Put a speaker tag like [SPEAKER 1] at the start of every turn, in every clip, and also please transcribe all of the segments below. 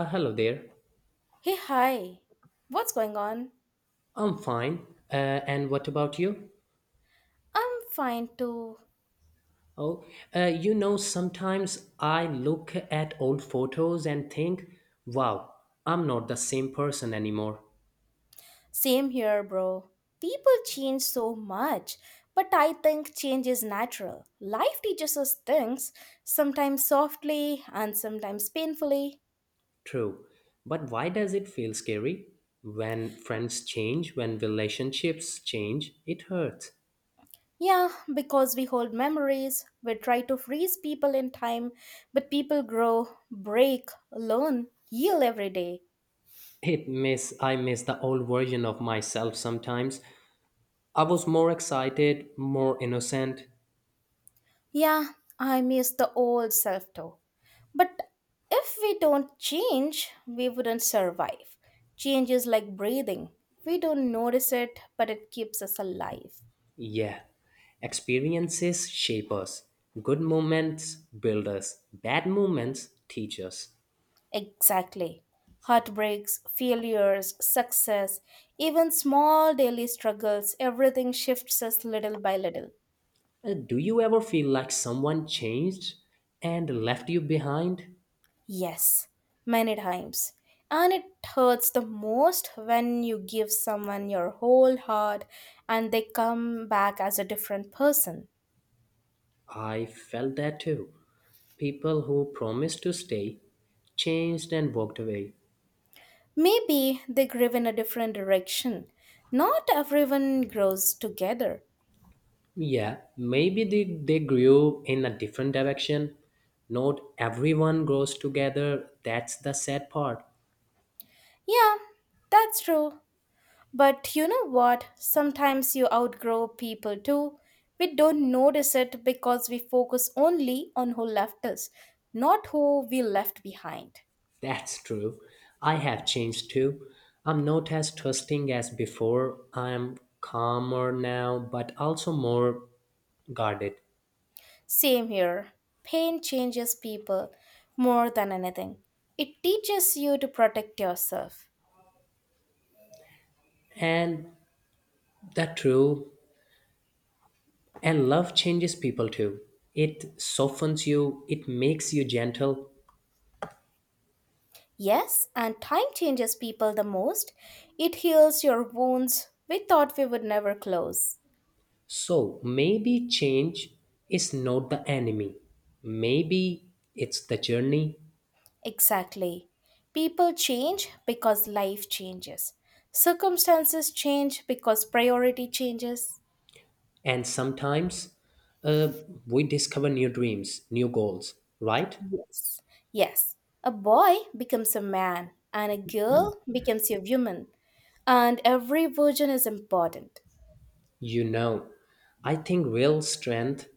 [SPEAKER 1] Hello there.
[SPEAKER 2] Hey, hi. What's going on?
[SPEAKER 1] I'm fine. Uh, and what about you?
[SPEAKER 2] I'm fine too.
[SPEAKER 1] Oh, sometimes I look at old photos and think, wow, I'm not the same person anymore.
[SPEAKER 2] Same here, bro. People change so much, but I think change is natural. Life teaches us things, sometimes softly and sometimes painfully.
[SPEAKER 1] True. But why does it feel scary? When friends change, when relationships change, it hurts.
[SPEAKER 2] Yeah, because we hold memories, we try to freeze people in time, but people grow, break, learn, heal every day.
[SPEAKER 1] It miss I miss the old version of myself sometimes. I was more excited, more innocent.
[SPEAKER 2] Yeah, I miss the old self too. But if we don't change, we wouldn't survive. Change is like breathing. We don't notice it, but it keeps us alive.
[SPEAKER 1] Yeah, experiences shape us. Good moments build us, bad moments teach us.
[SPEAKER 2] Exactly. Heartbreaks, failures, success, even small daily struggles, everything shifts us little by little.
[SPEAKER 1] Do you ever feel like someone changed and left you behind?
[SPEAKER 2] Yes, many times. And it hurts the most when you give someone your whole heart and they come back as a different person.
[SPEAKER 1] I felt that too. People who promised to stay changed and walked away.
[SPEAKER 2] Maybe they grew in a different direction. Not everyone grows together.
[SPEAKER 1] Yeah, maybe they grew in a different direction. Not everyone grows together, that's the sad part.
[SPEAKER 2] Yeah, that's true. But you know what? Sometimes you outgrow people too. We don't notice it because we focus only on who left us, not who we left behind.
[SPEAKER 1] That's true. I have changed too. I'm not as trusting as before. I'm calmer now, but also more guarded.
[SPEAKER 2] Same here. Pain changes people more than anything. It teaches you to protect yourself.
[SPEAKER 1] And that's true. And love changes people too. It softens you, it makes you gentle.
[SPEAKER 2] Yes, and time changes people the most. It heals your wounds we thought we would never close.
[SPEAKER 1] So maybe change is not the enemy. Maybe it's the journey.
[SPEAKER 2] Exactly. People change because life changes. Circumstances change because priority changes.
[SPEAKER 1] And sometimes uh, we discover new dreams, new goals, right?
[SPEAKER 2] Yes. Yes. A boy becomes a man and a girl becomes a woman and every version is important.
[SPEAKER 1] You know, I think real strength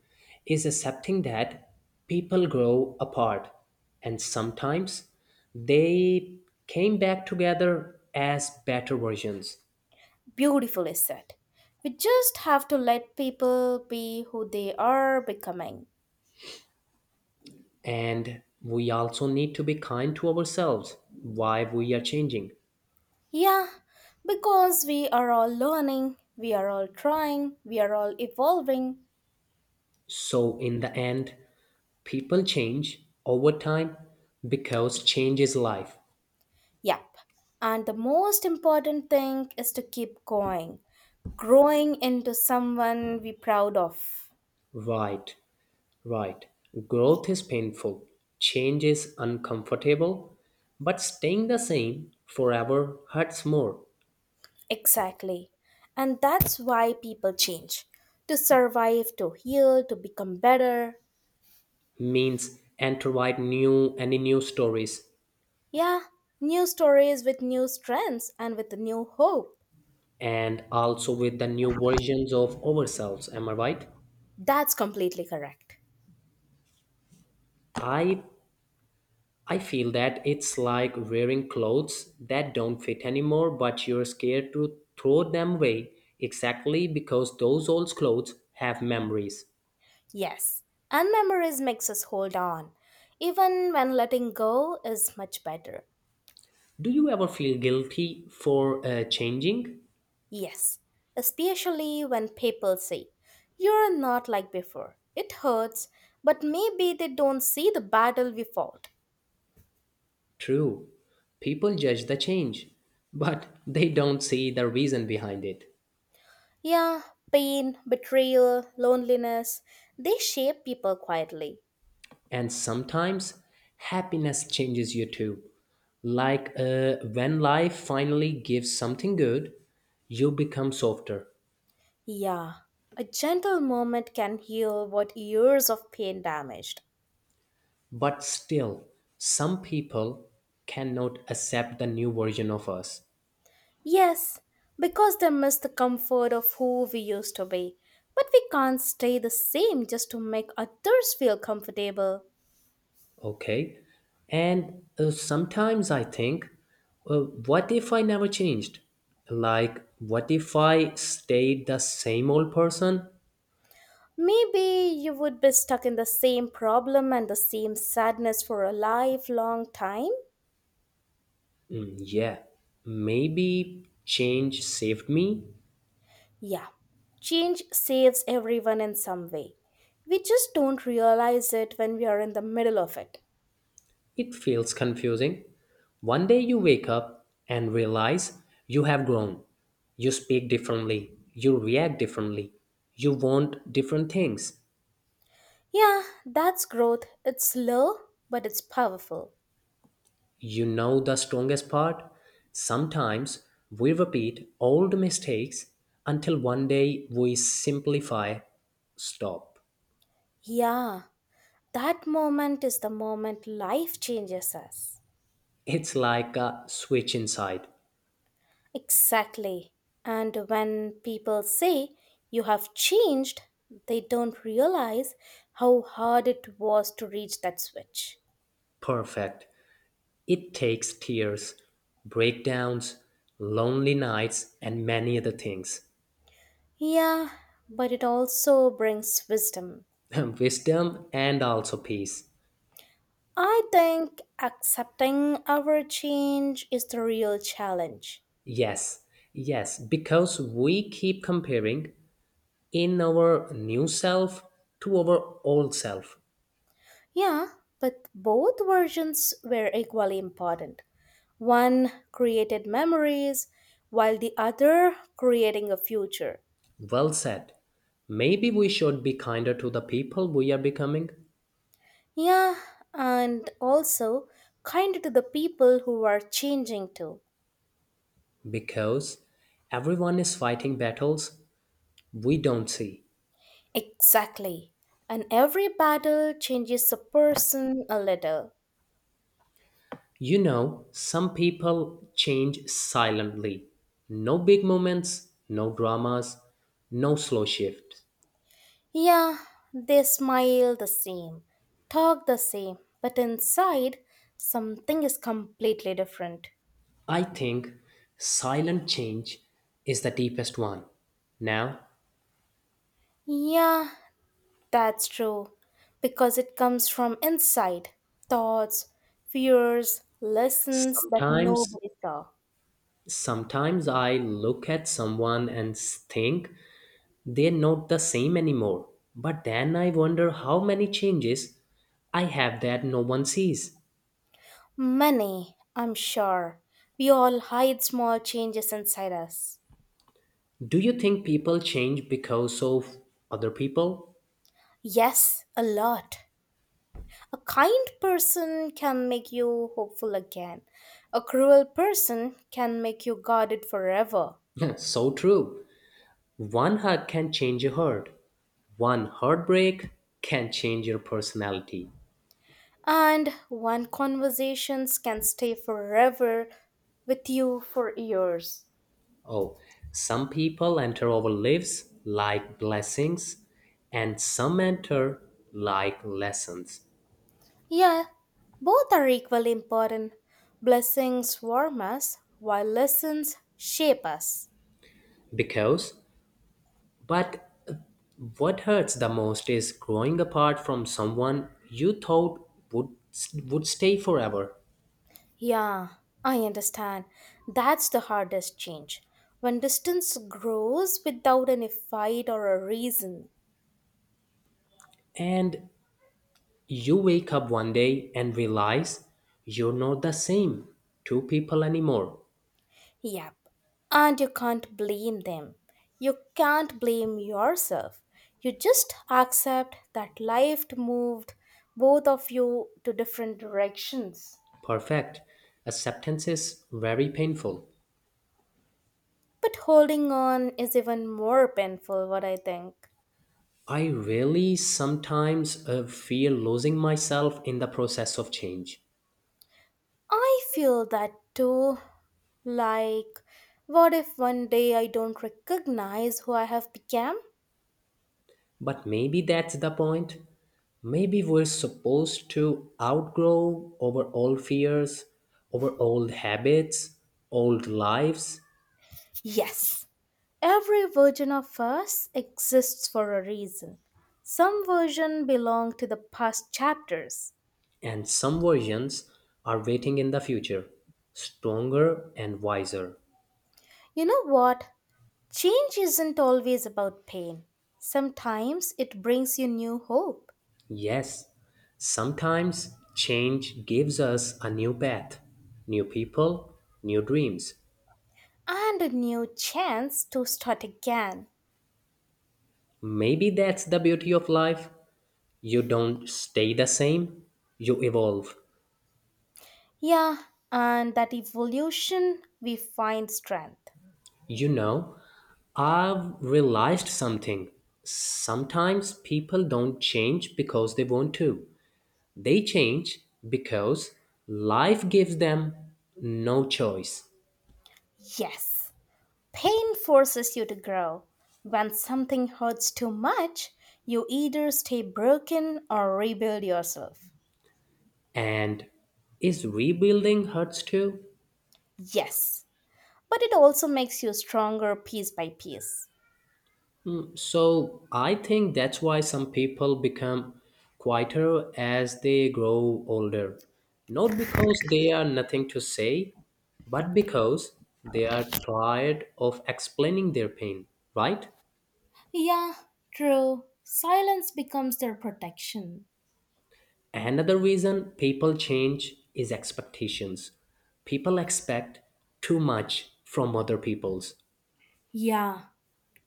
[SPEAKER 1] is accepting that people grow apart and sometimes they came back together as better versions.
[SPEAKER 2] Beautifully said. We just have to let people be who they are becoming.
[SPEAKER 1] And we also need to be kind to ourselves why we are changing.
[SPEAKER 2] Yeah, because we are all learning, we are all trying, we are all evolving.
[SPEAKER 1] So, in the end, people change over time because change is life,
[SPEAKER 2] Yep. And the most important thing is to keep going, growing into someone we're proud of.
[SPEAKER 1] right? Right. Growth is painful, change is uncomfortable, but staying the same forever hurts more.
[SPEAKER 2] Exactly. And that's why people change to survive, to heal, to become better.
[SPEAKER 1] Means and to write new and new stories
[SPEAKER 2] Yeah, new stories with new strengths and with new hope.
[SPEAKER 1] and also with the new versions of ourselves. Am I right?
[SPEAKER 2] That's completely correct.
[SPEAKER 1] I I feel that it's like wearing clothes that don't fit anymore, but you're scared to throw them away exactly because those old clothes have memories.
[SPEAKER 2] Yes, and memories makes us hold on, even when letting go is much better.
[SPEAKER 1] Do you ever feel guilty for changing?
[SPEAKER 2] Yes, especially when people say, "You're not like before." It hurts, but maybe they don't see the battle we fought.
[SPEAKER 1] True, people judge the change, but they don't see the reason behind it.
[SPEAKER 2] Yeah, pain, betrayal, loneliness, they shape people quietly.
[SPEAKER 1] And sometimes happiness changes you too. Like when life finally gives something good, you become softer.
[SPEAKER 2] Yeah, a gentle moment can heal what years of pain damaged.
[SPEAKER 1] But still, some people cannot accept the new version of us.
[SPEAKER 2] Yes, because they miss the comfort of who we used to be. But we can't stay the same just to make others feel comfortable.
[SPEAKER 1] Okay. And sometimes I think, uh, what if I never changed? Like, what if I stayed the same old person?
[SPEAKER 2] Maybe you would be stuck in the same problem and the same sadness for a lifelong time.
[SPEAKER 1] Mm, yeah, maybe change saved me.
[SPEAKER 2] Yeah, change saves everyone in some way. We just don't realize it when we are in the middle of it.
[SPEAKER 1] It feels confusing. One day you wake up and realize you have grown. You speak differently. You react differently. You want different things.
[SPEAKER 2] Yeah, that's growth. It's slow, but it's powerful.
[SPEAKER 1] You know the strongest part? Sometimes we repeat old mistakes until one day we simplify, stop.
[SPEAKER 2] Yeah, that moment is the moment life changes us.
[SPEAKER 1] It's like a switch inside.
[SPEAKER 2] Exactly. And when people say you have changed, they don't realize how hard it was to reach that switch.
[SPEAKER 1] Perfect. It takes tears, breakdowns, lonely nights, and many other things.
[SPEAKER 2] Yeah, but it also brings wisdom.
[SPEAKER 1] Wisdom and also peace.
[SPEAKER 2] I think accepting our change is the real challenge.
[SPEAKER 1] Yes, yes, because we keep comparing in our new self to our old self.
[SPEAKER 2] Yeah, but both versions were equally important. One created memories, while the other creating a future.
[SPEAKER 1] Well said. Maybe we should be kinder to the people we are becoming
[SPEAKER 2] Yeah, and also kind to the people who are changing too.
[SPEAKER 1] because everyone is fighting battles we don't see.
[SPEAKER 2] Exactly. And every battle changes a person a little.
[SPEAKER 1] You know, some people change silently. No big moments, no dramas, no slow shifts.
[SPEAKER 2] Yeah, they smile the same, talk the same, but inside something is completely different.
[SPEAKER 1] I think silent change is the deepest one. Now,
[SPEAKER 2] Yeah, that's true, because it comes from inside thoughts, fears, lessons that
[SPEAKER 1] sometimes
[SPEAKER 2] nobody saw.
[SPEAKER 1] sometimes I look at someone and think they're not the same anymore. But then I wonder how many changes I have that no one sees.
[SPEAKER 2] Many, I'm sure. We all hide small changes inside us.
[SPEAKER 1] Do you think people change because of other people?
[SPEAKER 2] Yes, a lot. A kind person can make you hopeful again. A cruel person can make you guarded forever.
[SPEAKER 1] so true. One hug can change your heart. One heartbreak can change your personality.
[SPEAKER 2] And one conversations can stay forever with you for years.
[SPEAKER 1] Oh, some people enter our lives like blessings and some enter like lessons.
[SPEAKER 2] Yeah, both are equally important. Blessings warm us, while lessons shape us.
[SPEAKER 1] Because But what hurts the most is growing apart from someone you thought would stay forever.
[SPEAKER 2] Yeah, I understand. That's the hardest change. When distance grows without any fight or a reason.
[SPEAKER 1] And you wake up one day and realize you're not the same two people anymore.
[SPEAKER 2] Yep. And you can't blame them. You can't blame yourself. You just accept that life moved both of you to different directions.
[SPEAKER 1] Perfect. Acceptance is very painful.
[SPEAKER 2] But holding on is even more painful, what I think.
[SPEAKER 1] I really sometimes fear losing myself in the process of change.
[SPEAKER 2] I feel that too. Like, what if one day I don't recognize who I have become?
[SPEAKER 1] But maybe that's the point. Maybe we're supposed to outgrow over old fears, over old habits, old lives,
[SPEAKER 2] Yes, every version of us exists for a reason. Some version belong to the past chapters.
[SPEAKER 1] and some versions are waiting in the future, stronger and wiser.
[SPEAKER 2] You know what? Change isn't always about pain. Sometimes it brings you new hope
[SPEAKER 1] Yes, sometimes change gives us a new path, new people, new dreams.
[SPEAKER 2] and a new chance to start again.
[SPEAKER 1] Maybe that's the beauty of life. You don't stay the same, you evolve.
[SPEAKER 2] Yeah, and that evolution we find strength.
[SPEAKER 1] You know, I've realized something. Sometimes people don't change because they want to. They change because life gives them no choice.
[SPEAKER 2] Yes, pain forces you to grow. When something hurts too much, you either stay broken or rebuild yourself.
[SPEAKER 1] And is rebuilding hurts too?
[SPEAKER 2] Yes, but it also makes you stronger piece by piece.
[SPEAKER 1] So I think that's why some people become quieter as they grow older. Not because they are nothing to say, but because they are tired of explaining their pain, right?
[SPEAKER 2] Yeah, true. Silence becomes their protection.
[SPEAKER 1] Another reason people change is expectations. People expect too much from other people's,
[SPEAKER 2] Yeah,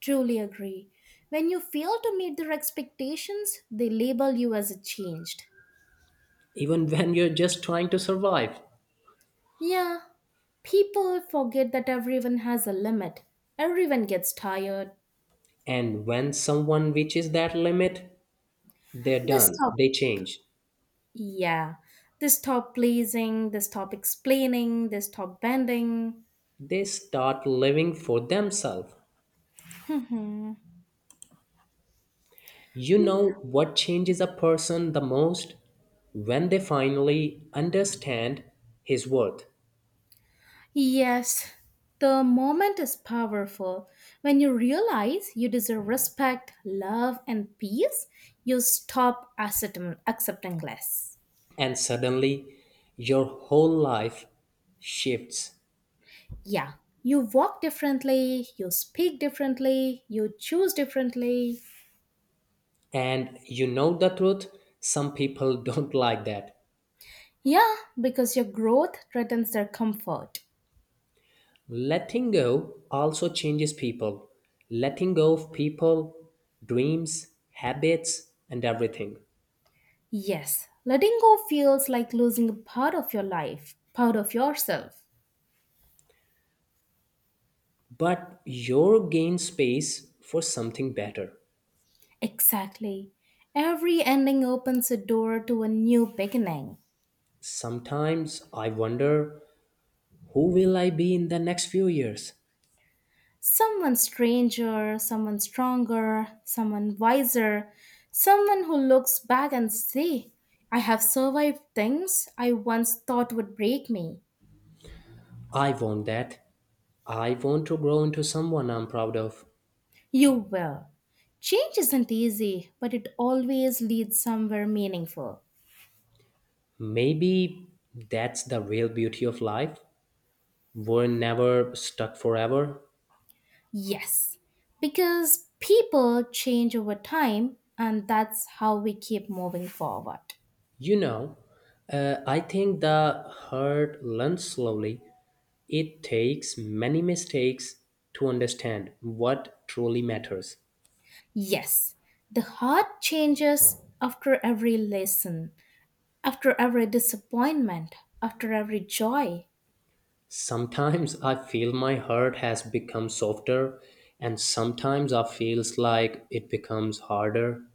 [SPEAKER 2] truly agree. When you fail to meet their expectations, they label you as a changed.
[SPEAKER 1] even when you're just trying to survive.
[SPEAKER 2] Yeah, people forget that everyone has a limit. Everyone gets tired.
[SPEAKER 1] And when someone reaches that limit, they're
[SPEAKER 2] They
[SPEAKER 1] done,
[SPEAKER 2] stop.
[SPEAKER 1] they change
[SPEAKER 2] Yeah. They stop pleasing, they stop explaining, they stop bending.
[SPEAKER 1] they start living for themselves.
[SPEAKER 2] Mhm.
[SPEAKER 1] You know what changes a person the most? When they finally understand his worth.
[SPEAKER 2] Yes. The moment is powerful. When you realize you deserve respect, love, and peace, you stop accepting less.
[SPEAKER 1] And suddenly your whole life shifts.
[SPEAKER 2] Yeah. You walk differently, you speak differently, you choose differently.
[SPEAKER 1] And you know the truth, some people don't like that.
[SPEAKER 2] Yeah, because your growth threatens their comfort.
[SPEAKER 1] Letting go also changes people. Letting go of people, dreams, habits, and everything.
[SPEAKER 2] Yes, letting go feels like losing a part of your life, part of yourself.
[SPEAKER 1] But you gain space for something better.
[SPEAKER 2] Exactly. Every ending opens a door to a new beginning.
[SPEAKER 1] Sometimes I wonder who will I be in the next few years.
[SPEAKER 2] Someone stranger, someone stronger, someone wiser, someone who looks back and say, "I have survived things I once thought would break me."
[SPEAKER 1] I want that. I want to grow into someone I'm proud of.
[SPEAKER 2] You will. Change isn't easy, but it always leads somewhere meaningful.
[SPEAKER 1] Maybe that's the real beauty of life. We're never stuck forever.
[SPEAKER 2] Yes, because people change over time, and that's how we keep moving forward.
[SPEAKER 1] You know, I think the heart learns slowly. It takes many mistakes to understand what truly matters.
[SPEAKER 2] Yes, the heart changes after every lesson, after every disappointment, after every joy.
[SPEAKER 1] Sometimes I feel my heart has become softer, and sometimes I feels like it becomes harder.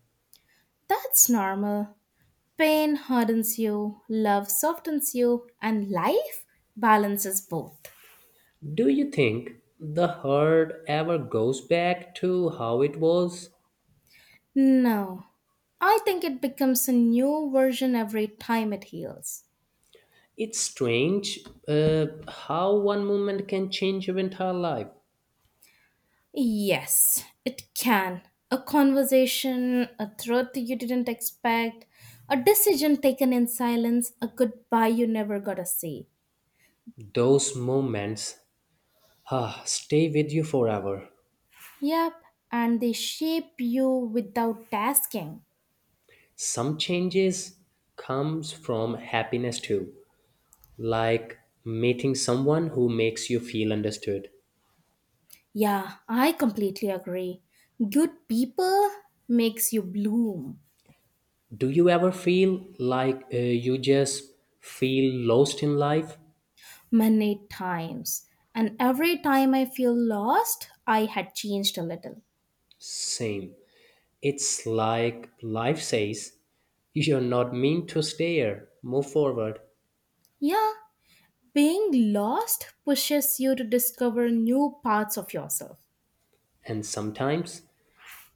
[SPEAKER 2] That's normal. Pain hardens you, love softens you, and life balances both.
[SPEAKER 1] Do you think the heart ever goes back to how it was?
[SPEAKER 2] No. I think it becomes a new version every time it heals.
[SPEAKER 1] It's strange how one moment can change your entire life.
[SPEAKER 2] Yes, it can. A conversation, a truth you didn't expect, a decision taken in silence, a goodbye you never got to say.
[SPEAKER 1] Those moments stay with you forever.
[SPEAKER 2] Yep, and they shape you without asking.
[SPEAKER 1] Some changes comes from happiness too, like meeting someone who makes you feel understood.
[SPEAKER 2] Yeah, I completely agree. Good people makes you bloom.
[SPEAKER 1] Do you ever feel like you just feel lost in life?
[SPEAKER 2] Many times. And every time I feel lost, I had changed a little.
[SPEAKER 1] Same. It's like life says you're not meant to stay here, move forward.
[SPEAKER 2] Yeah, being lost pushes you to discover new parts of yourself.
[SPEAKER 1] And sometimes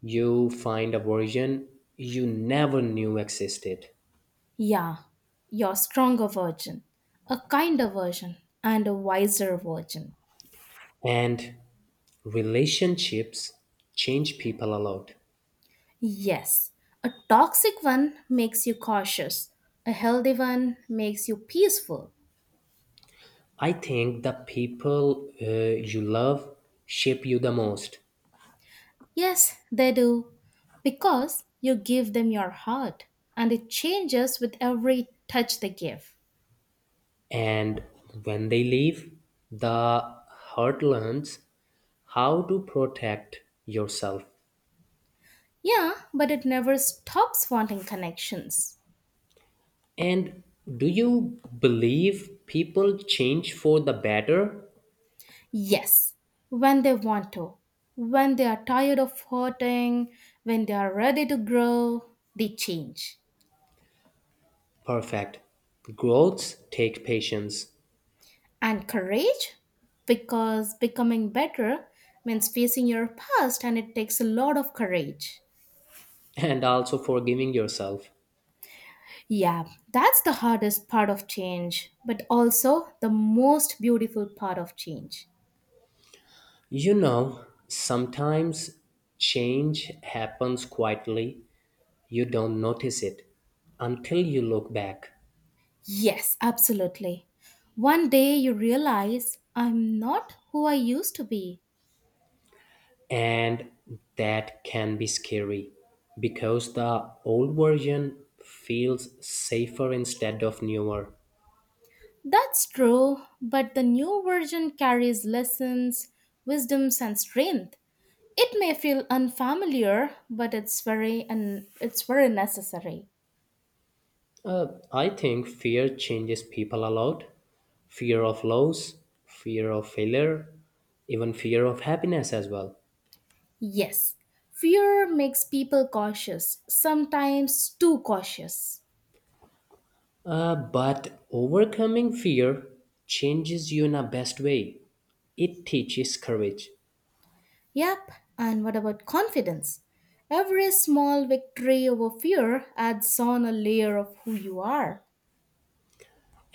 [SPEAKER 1] you find a version you never knew existed.
[SPEAKER 2] Yeah, your stronger version, a kinder version, and a wiser version.
[SPEAKER 1] And relationships change people a lot.
[SPEAKER 2] Yes, a toxic one makes you cautious, a healthy one makes you peaceful.
[SPEAKER 1] I think the people you love shape you the most.
[SPEAKER 2] Yes, they do. Because you give them your heart and it changes with every touch they give.
[SPEAKER 1] And when they leave the heart learns how to protect yourself.
[SPEAKER 2] Yeah, but it never stops wanting connections.
[SPEAKER 1] And do you believe people change for the better?
[SPEAKER 2] Yes, when they want to, when they are tired of hurting, when they are ready to grow, they change.
[SPEAKER 1] Perfect. Growths take patience
[SPEAKER 2] And courage? Because becoming better means facing your past and it takes a lot of courage.
[SPEAKER 1] and also forgiving yourself.
[SPEAKER 2] Yeah, that's the hardest part of change, but also the most beautiful part of change.
[SPEAKER 1] You know, sometimes change happens quietly. You don't notice it until you look back.
[SPEAKER 2] Yes, absolutely. One day you realize I'm not who I used to be.
[SPEAKER 1] And that can be scary because the old version feels safer instead of newer.
[SPEAKER 2] That's true, but the new version carries lessons, wisdoms and strength. It may feel unfamiliar, but it's very necessary.
[SPEAKER 1] Uh, I think fear changes people a lot fear of loss, fear of failure, even fear of happiness as well.
[SPEAKER 2] Yes. Fear makes people cautious, sometimes too cautious.
[SPEAKER 1] But overcoming fear changes you in a best way. It teaches courage.
[SPEAKER 2] Yep, and what about confidence? Every small victory over fear adds on a layer of who you are.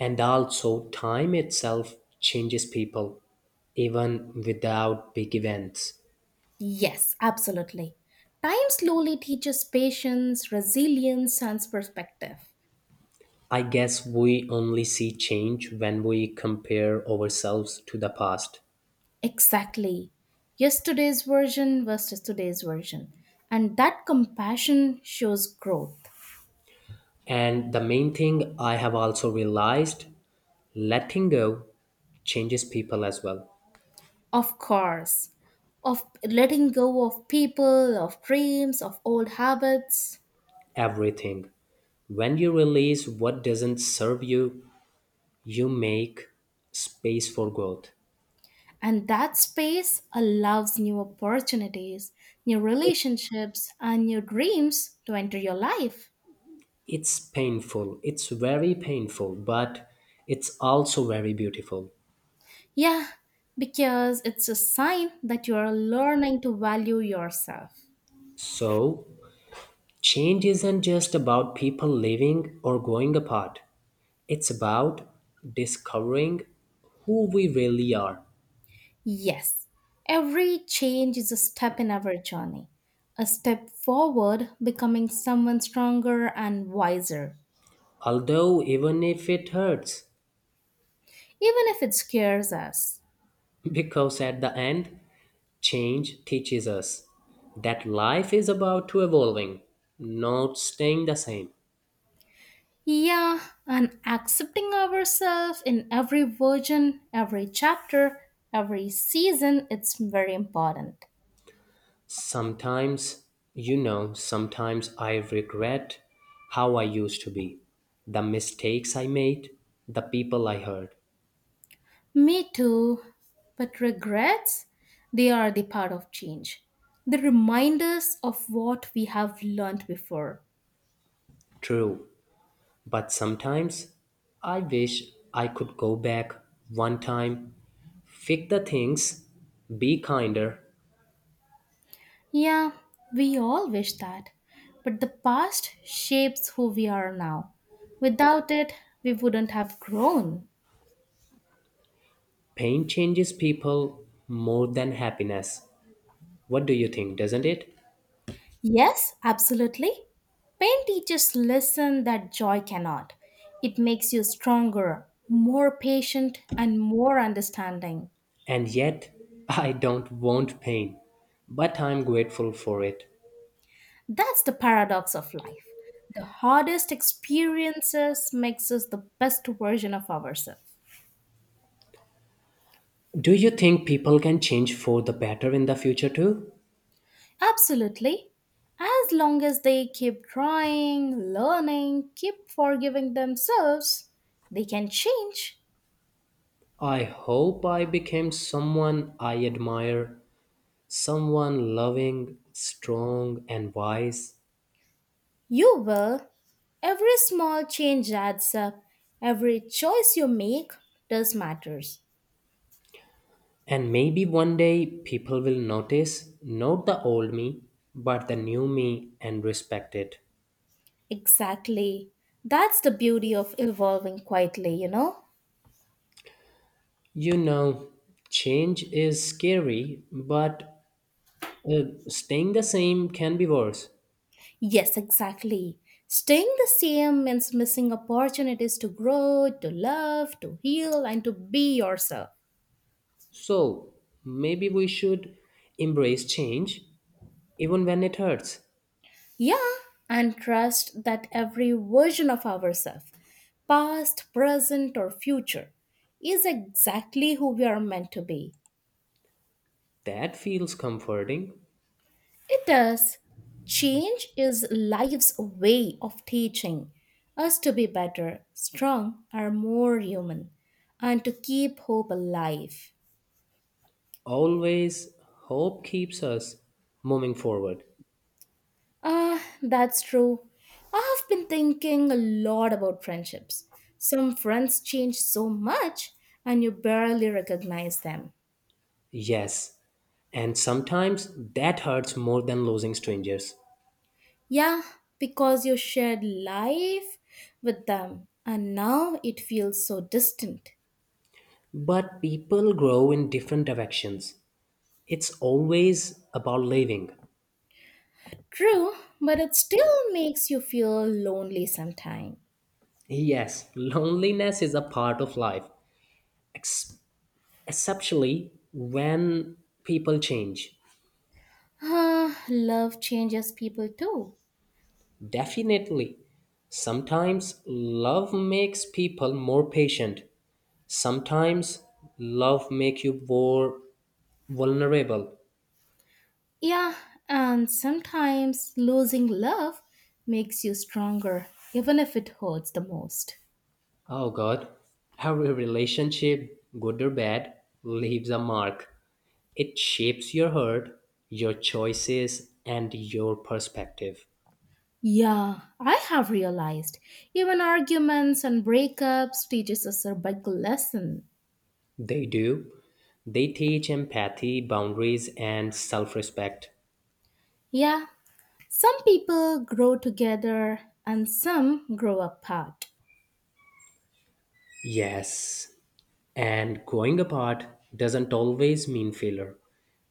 [SPEAKER 1] And also, time itself changes people, even without big events.
[SPEAKER 2] Yes, absolutely. Time slowly teaches patience, resilience, and perspective.
[SPEAKER 1] I guess we only see change when we compare ourselves to the past.
[SPEAKER 2] Exactly. Yesterday's version versus today's version. And that compassion shows growth.
[SPEAKER 1] And the main thing I have also realized letting go changes people as well.
[SPEAKER 2] Of course. Of letting go of people, of dreams, of old habits.
[SPEAKER 1] Everything. When you release what doesn't serve you, you make space for growth.
[SPEAKER 2] And that space allows new opportunities, new
[SPEAKER 1] It,
[SPEAKER 2] relationships, and new dreams to enter your life.
[SPEAKER 1] it's painful, it's very painful, but it's also very beautiful.
[SPEAKER 2] Yeah, because it's a sign that you are learning to value yourself.
[SPEAKER 1] So, change isn't just about people living or going apart. It's about discovering who we really are,
[SPEAKER 2] Yes, every change is a step in our journey, a step forward, becoming someone stronger and wiser,
[SPEAKER 1] although even if it hurts,
[SPEAKER 2] even if it scares us.
[SPEAKER 1] because at the end, change teaches us that life is about to evolving, not staying the same.
[SPEAKER 2] Yeah, and accepting ourselves in every version, every chapter, every season, it's very important.
[SPEAKER 1] Sometimes, sometimes I regret how I used to be, the mistakes I made, the people I hurt.
[SPEAKER 2] Me too. But regrets, they are the part of change. They remind us of what we have learned before.
[SPEAKER 1] True, but sometimes I wish I could go back one time, fix the things, be kinder.
[SPEAKER 2] Yeah, we all wish that. But the past shapes who we are now. Without it, we wouldn't have grown.
[SPEAKER 1] Pain changes people more than happiness. What do you think, doesn't it?
[SPEAKER 2] Yes, absolutely. Pain teaches lesson that joy cannot. It makes you stronger, more patient, and more understanding.
[SPEAKER 1] And yet, I don't want pain, but I'm grateful for it.
[SPEAKER 2] That's the paradox of life. The hardest experiences makes us the best version of ourselves.
[SPEAKER 1] Do you think people can change for the better in the future too?
[SPEAKER 2] Absolutely. As long as they keep trying, learning, keep forgiving themselves, they can change.
[SPEAKER 1] I hope I became someone I admire, someone loving, strong, and wise.
[SPEAKER 2] You will. Every small change adds up. Every choice you make does matters.
[SPEAKER 1] And maybe one day people will notice not the old me, but the new me and respect it.
[SPEAKER 2] Exactly. That's the beauty of evolving quietly, you know?
[SPEAKER 1] You know, change is scary, but uh, staying the same can be worse.
[SPEAKER 2] Yes, exactly. Staying the same means missing opportunities to grow, to love, to heal, and to be yourself.
[SPEAKER 1] So maybe we should embrace change even when it hurts.
[SPEAKER 2] Yeah, and trust that every version of ourselves, past, present, or future, is exactly who we are meant to be.
[SPEAKER 1] That feels comforting.
[SPEAKER 2] It does. Change is life's way of teaching us to be better, strong, or more human, and to keep hope alive.
[SPEAKER 1] Always, hope keeps us moving forward.
[SPEAKER 2] Ah, that's true. I have been thinking a lot about friendships. Some friends change so much and you barely recognize them.
[SPEAKER 1] Yes, and sometimes that hurts more than losing strangers.
[SPEAKER 2] Yeah, because you shared life with them and now it feels so distant.
[SPEAKER 1] But people grow in different directions. It's always about living.
[SPEAKER 2] True, but it still makes you feel lonely sometimes.
[SPEAKER 1] Yes, loneliness is a part of life, ex- especially when people change.
[SPEAKER 2] Ah, love changes people too.
[SPEAKER 1] Definitely. Sometimes love makes people more patient. Sometimes love makes you more vulnerable.
[SPEAKER 2] Yeah, and sometimes losing love makes you stronger, even if it hurts the most.
[SPEAKER 1] Oh God, every relationship, good or bad, leaves a mark. It shapes your heart, your choices, and your perspective.
[SPEAKER 2] Yeah, I have realized even arguments and breakups teaches us a big lesson.
[SPEAKER 1] They do. They teach empathy, boundaries, and self respect.
[SPEAKER 2] Yeah, some people grow together and some grow apart.
[SPEAKER 1] Yes, and growing apart doesn't always mean failure.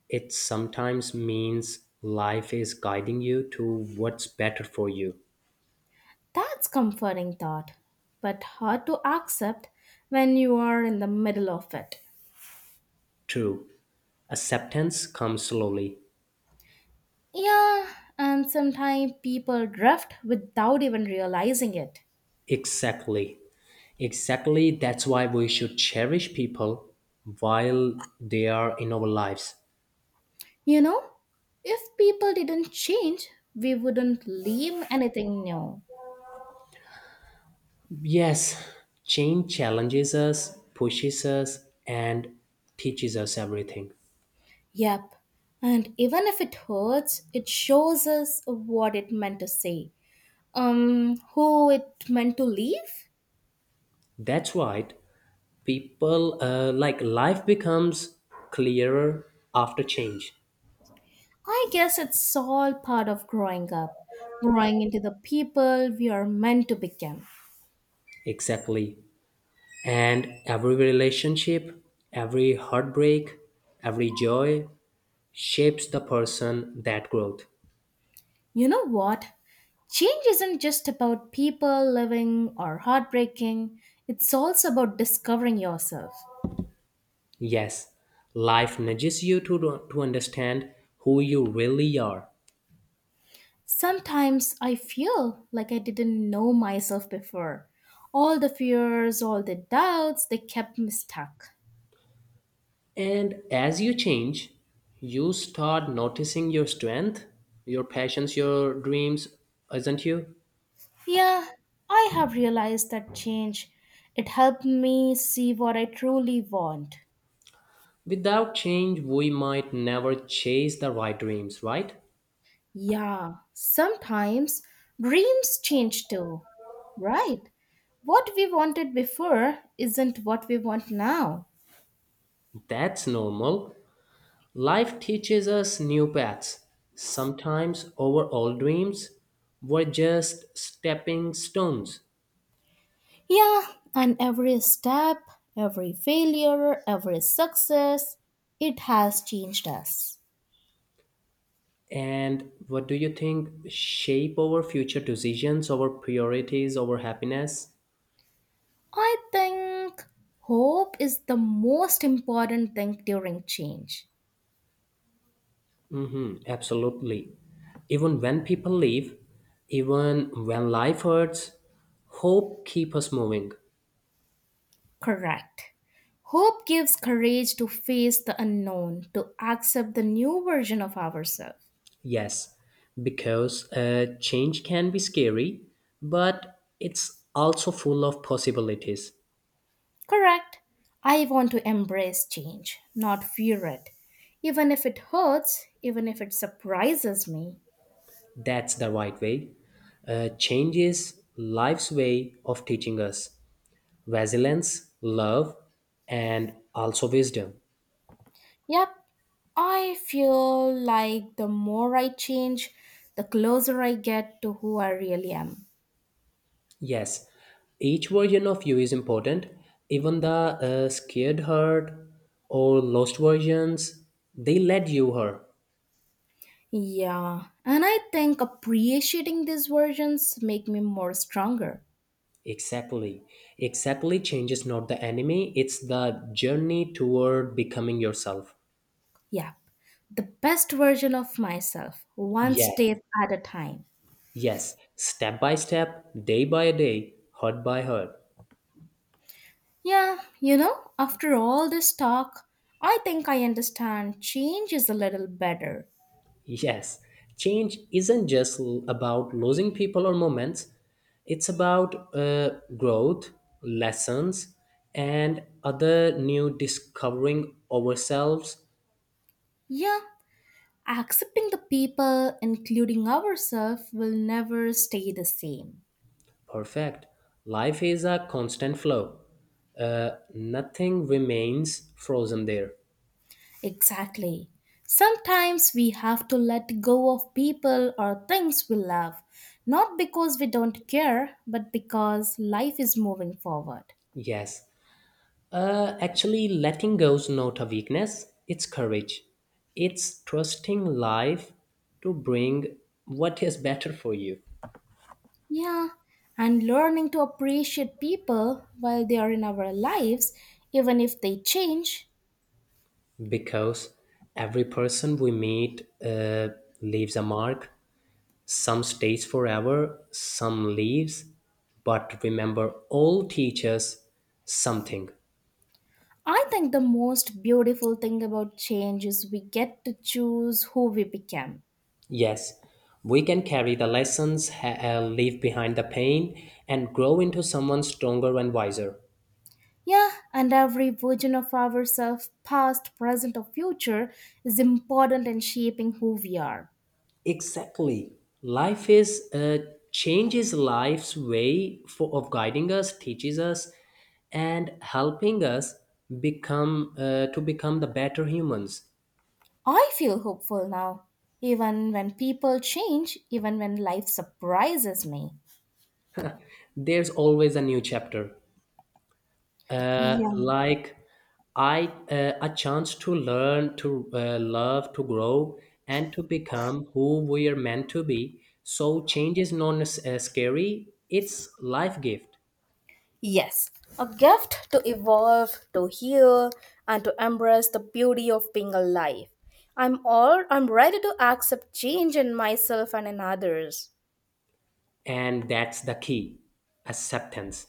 [SPEAKER 1] It sometimes means life is guiding you to what's better for you.
[SPEAKER 2] That's comforting thought, but hard to accept when you are in the middle of it.
[SPEAKER 1] True. Acceptance comes slowly.
[SPEAKER 2] Yeah, and sometimes people drift without even realizing it.
[SPEAKER 1] Exactly. Exactly. That's why we should cherish people while they are in our lives.
[SPEAKER 2] You know, if people didn't change, we wouldn't leave anything new.
[SPEAKER 1] Yes, change challenges us, pushes us, and teaches us everything.
[SPEAKER 2] Yep, and even if it hurts, it shows us what it meant to say, who it meant to leave,
[SPEAKER 1] That's right. People, like life becomes clearer after change.
[SPEAKER 2] I guess it's all part of growing up, growing into the people we are meant to become.
[SPEAKER 1] Exactly. And every relationship, every heartbreak, every joy shapes the person that growth.
[SPEAKER 2] You know what? Change isn't just about people living or heartbreaking, it's also about discovering yourself.
[SPEAKER 1] Yes, life nudges you to, understand who you really are.
[SPEAKER 2] Sometimes I feel like I didn't know myself before. All the fears, all the doubts, they kept me stuck.
[SPEAKER 1] And as you change, you start noticing your strength, your passions, your dreams, isn't you?
[SPEAKER 2] Yeah, I have realized that change. It helped me see what I truly want.
[SPEAKER 1] Without change, we might never chase the right dreams, right?
[SPEAKER 2] Yeah, sometimes dreams change too, right? What we wanted before isn't what we want now.
[SPEAKER 1] That's normal. Life teaches us new paths. Sometimes our old dreams were just stepping stones.
[SPEAKER 2] Yeah, and every step, every failure, every success, it has changed us.
[SPEAKER 1] And what do you think shape our future decisions, our priorities, our happiness?
[SPEAKER 2] I think hope is the most important thing during change.
[SPEAKER 1] Hmm, absolutely. Even when people leave, even when life hurts, hope keep us moving.
[SPEAKER 2] Correct. Hope gives courage to face the unknown, to accept the new version of ourselves.
[SPEAKER 1] Yes, because change can be scary, but it's also full of possibilities.
[SPEAKER 2] Correct. I want to embrace change, not fear it. Even if it hurts, even if it surprises me.
[SPEAKER 1] That's the right way. Change is life's way of teaching us, resilience, love, and also wisdom.
[SPEAKER 2] Yep, I feel like the more I change, the closer I get to who I really am.
[SPEAKER 1] Yes, each version of you is important. Even the scared hurt or lost versions, they led you her.
[SPEAKER 2] Yeah, and I think appreciating these versions make me more stronger.
[SPEAKER 1] Exactly. Exactly changes not the enemy, it's the journey toward becoming yourself.
[SPEAKER 2] Yep, the best version of myself, one
[SPEAKER 1] Yes,
[SPEAKER 2] step at a time.
[SPEAKER 1] yes. Step by step, day by day, hurt by hurt.
[SPEAKER 2] Yeah, you know, after all this talk, I think I understand change is a little better.
[SPEAKER 1] Yes, change isn't just about losing people or moments, it's about growth, lessons, and other new discovering ourselves.
[SPEAKER 2] Yeah, accepting the people, including ourselves, will never stay the same.
[SPEAKER 1] Perfect. Life is a constant flow, nothing remains frozen there.
[SPEAKER 2] Exactly. Sometimes we have to let go of people or things we love, not because we don't care, but because life is moving forward.
[SPEAKER 1] Yes. Actually, letting go is not a weakness, it's courage. It's trusting life to bring what is better for you.
[SPEAKER 2] Yeah, and learning to appreciate people while they are in our lives, even if they change,
[SPEAKER 1] Because every person we meet leaves a mark. Some stays forever, some leaves, but remember all teach us something.
[SPEAKER 2] I think the most beautiful thing about change is we get to choose who we become.
[SPEAKER 1] Yes, we can carry the lessons, leave behind the pain, and grow into someone stronger and wiser.
[SPEAKER 2] Yeah, and every version of ourselves, past, present, or future, is important in shaping who we are.
[SPEAKER 1] Exactly. Life is changes life's way for, of guiding us, teaches us, and helping us become to become the better humans.
[SPEAKER 2] I feel hopeful now, even when people change, even when life surprises me.
[SPEAKER 1] There's always a new chapter,
[SPEAKER 2] Yeah.
[SPEAKER 1] like I a chance to learn, to love, to grow, and to become who we are meant to be. So change is not scary; it's life gift,
[SPEAKER 2] Yes, a gift to evolve, to heal, and to embrace the beauty of being alive. I'm ready to accept change in myself and in others.
[SPEAKER 1] and that's the key: acceptance.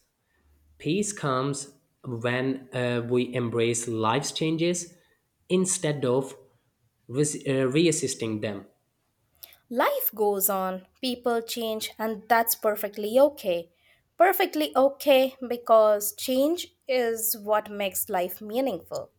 [SPEAKER 1] Peace comes when we embrace life's changes instead of resisting them.
[SPEAKER 2] Life goes on, people change, and that's perfectly okay. Perfectly okay because change is what makes life meaningful.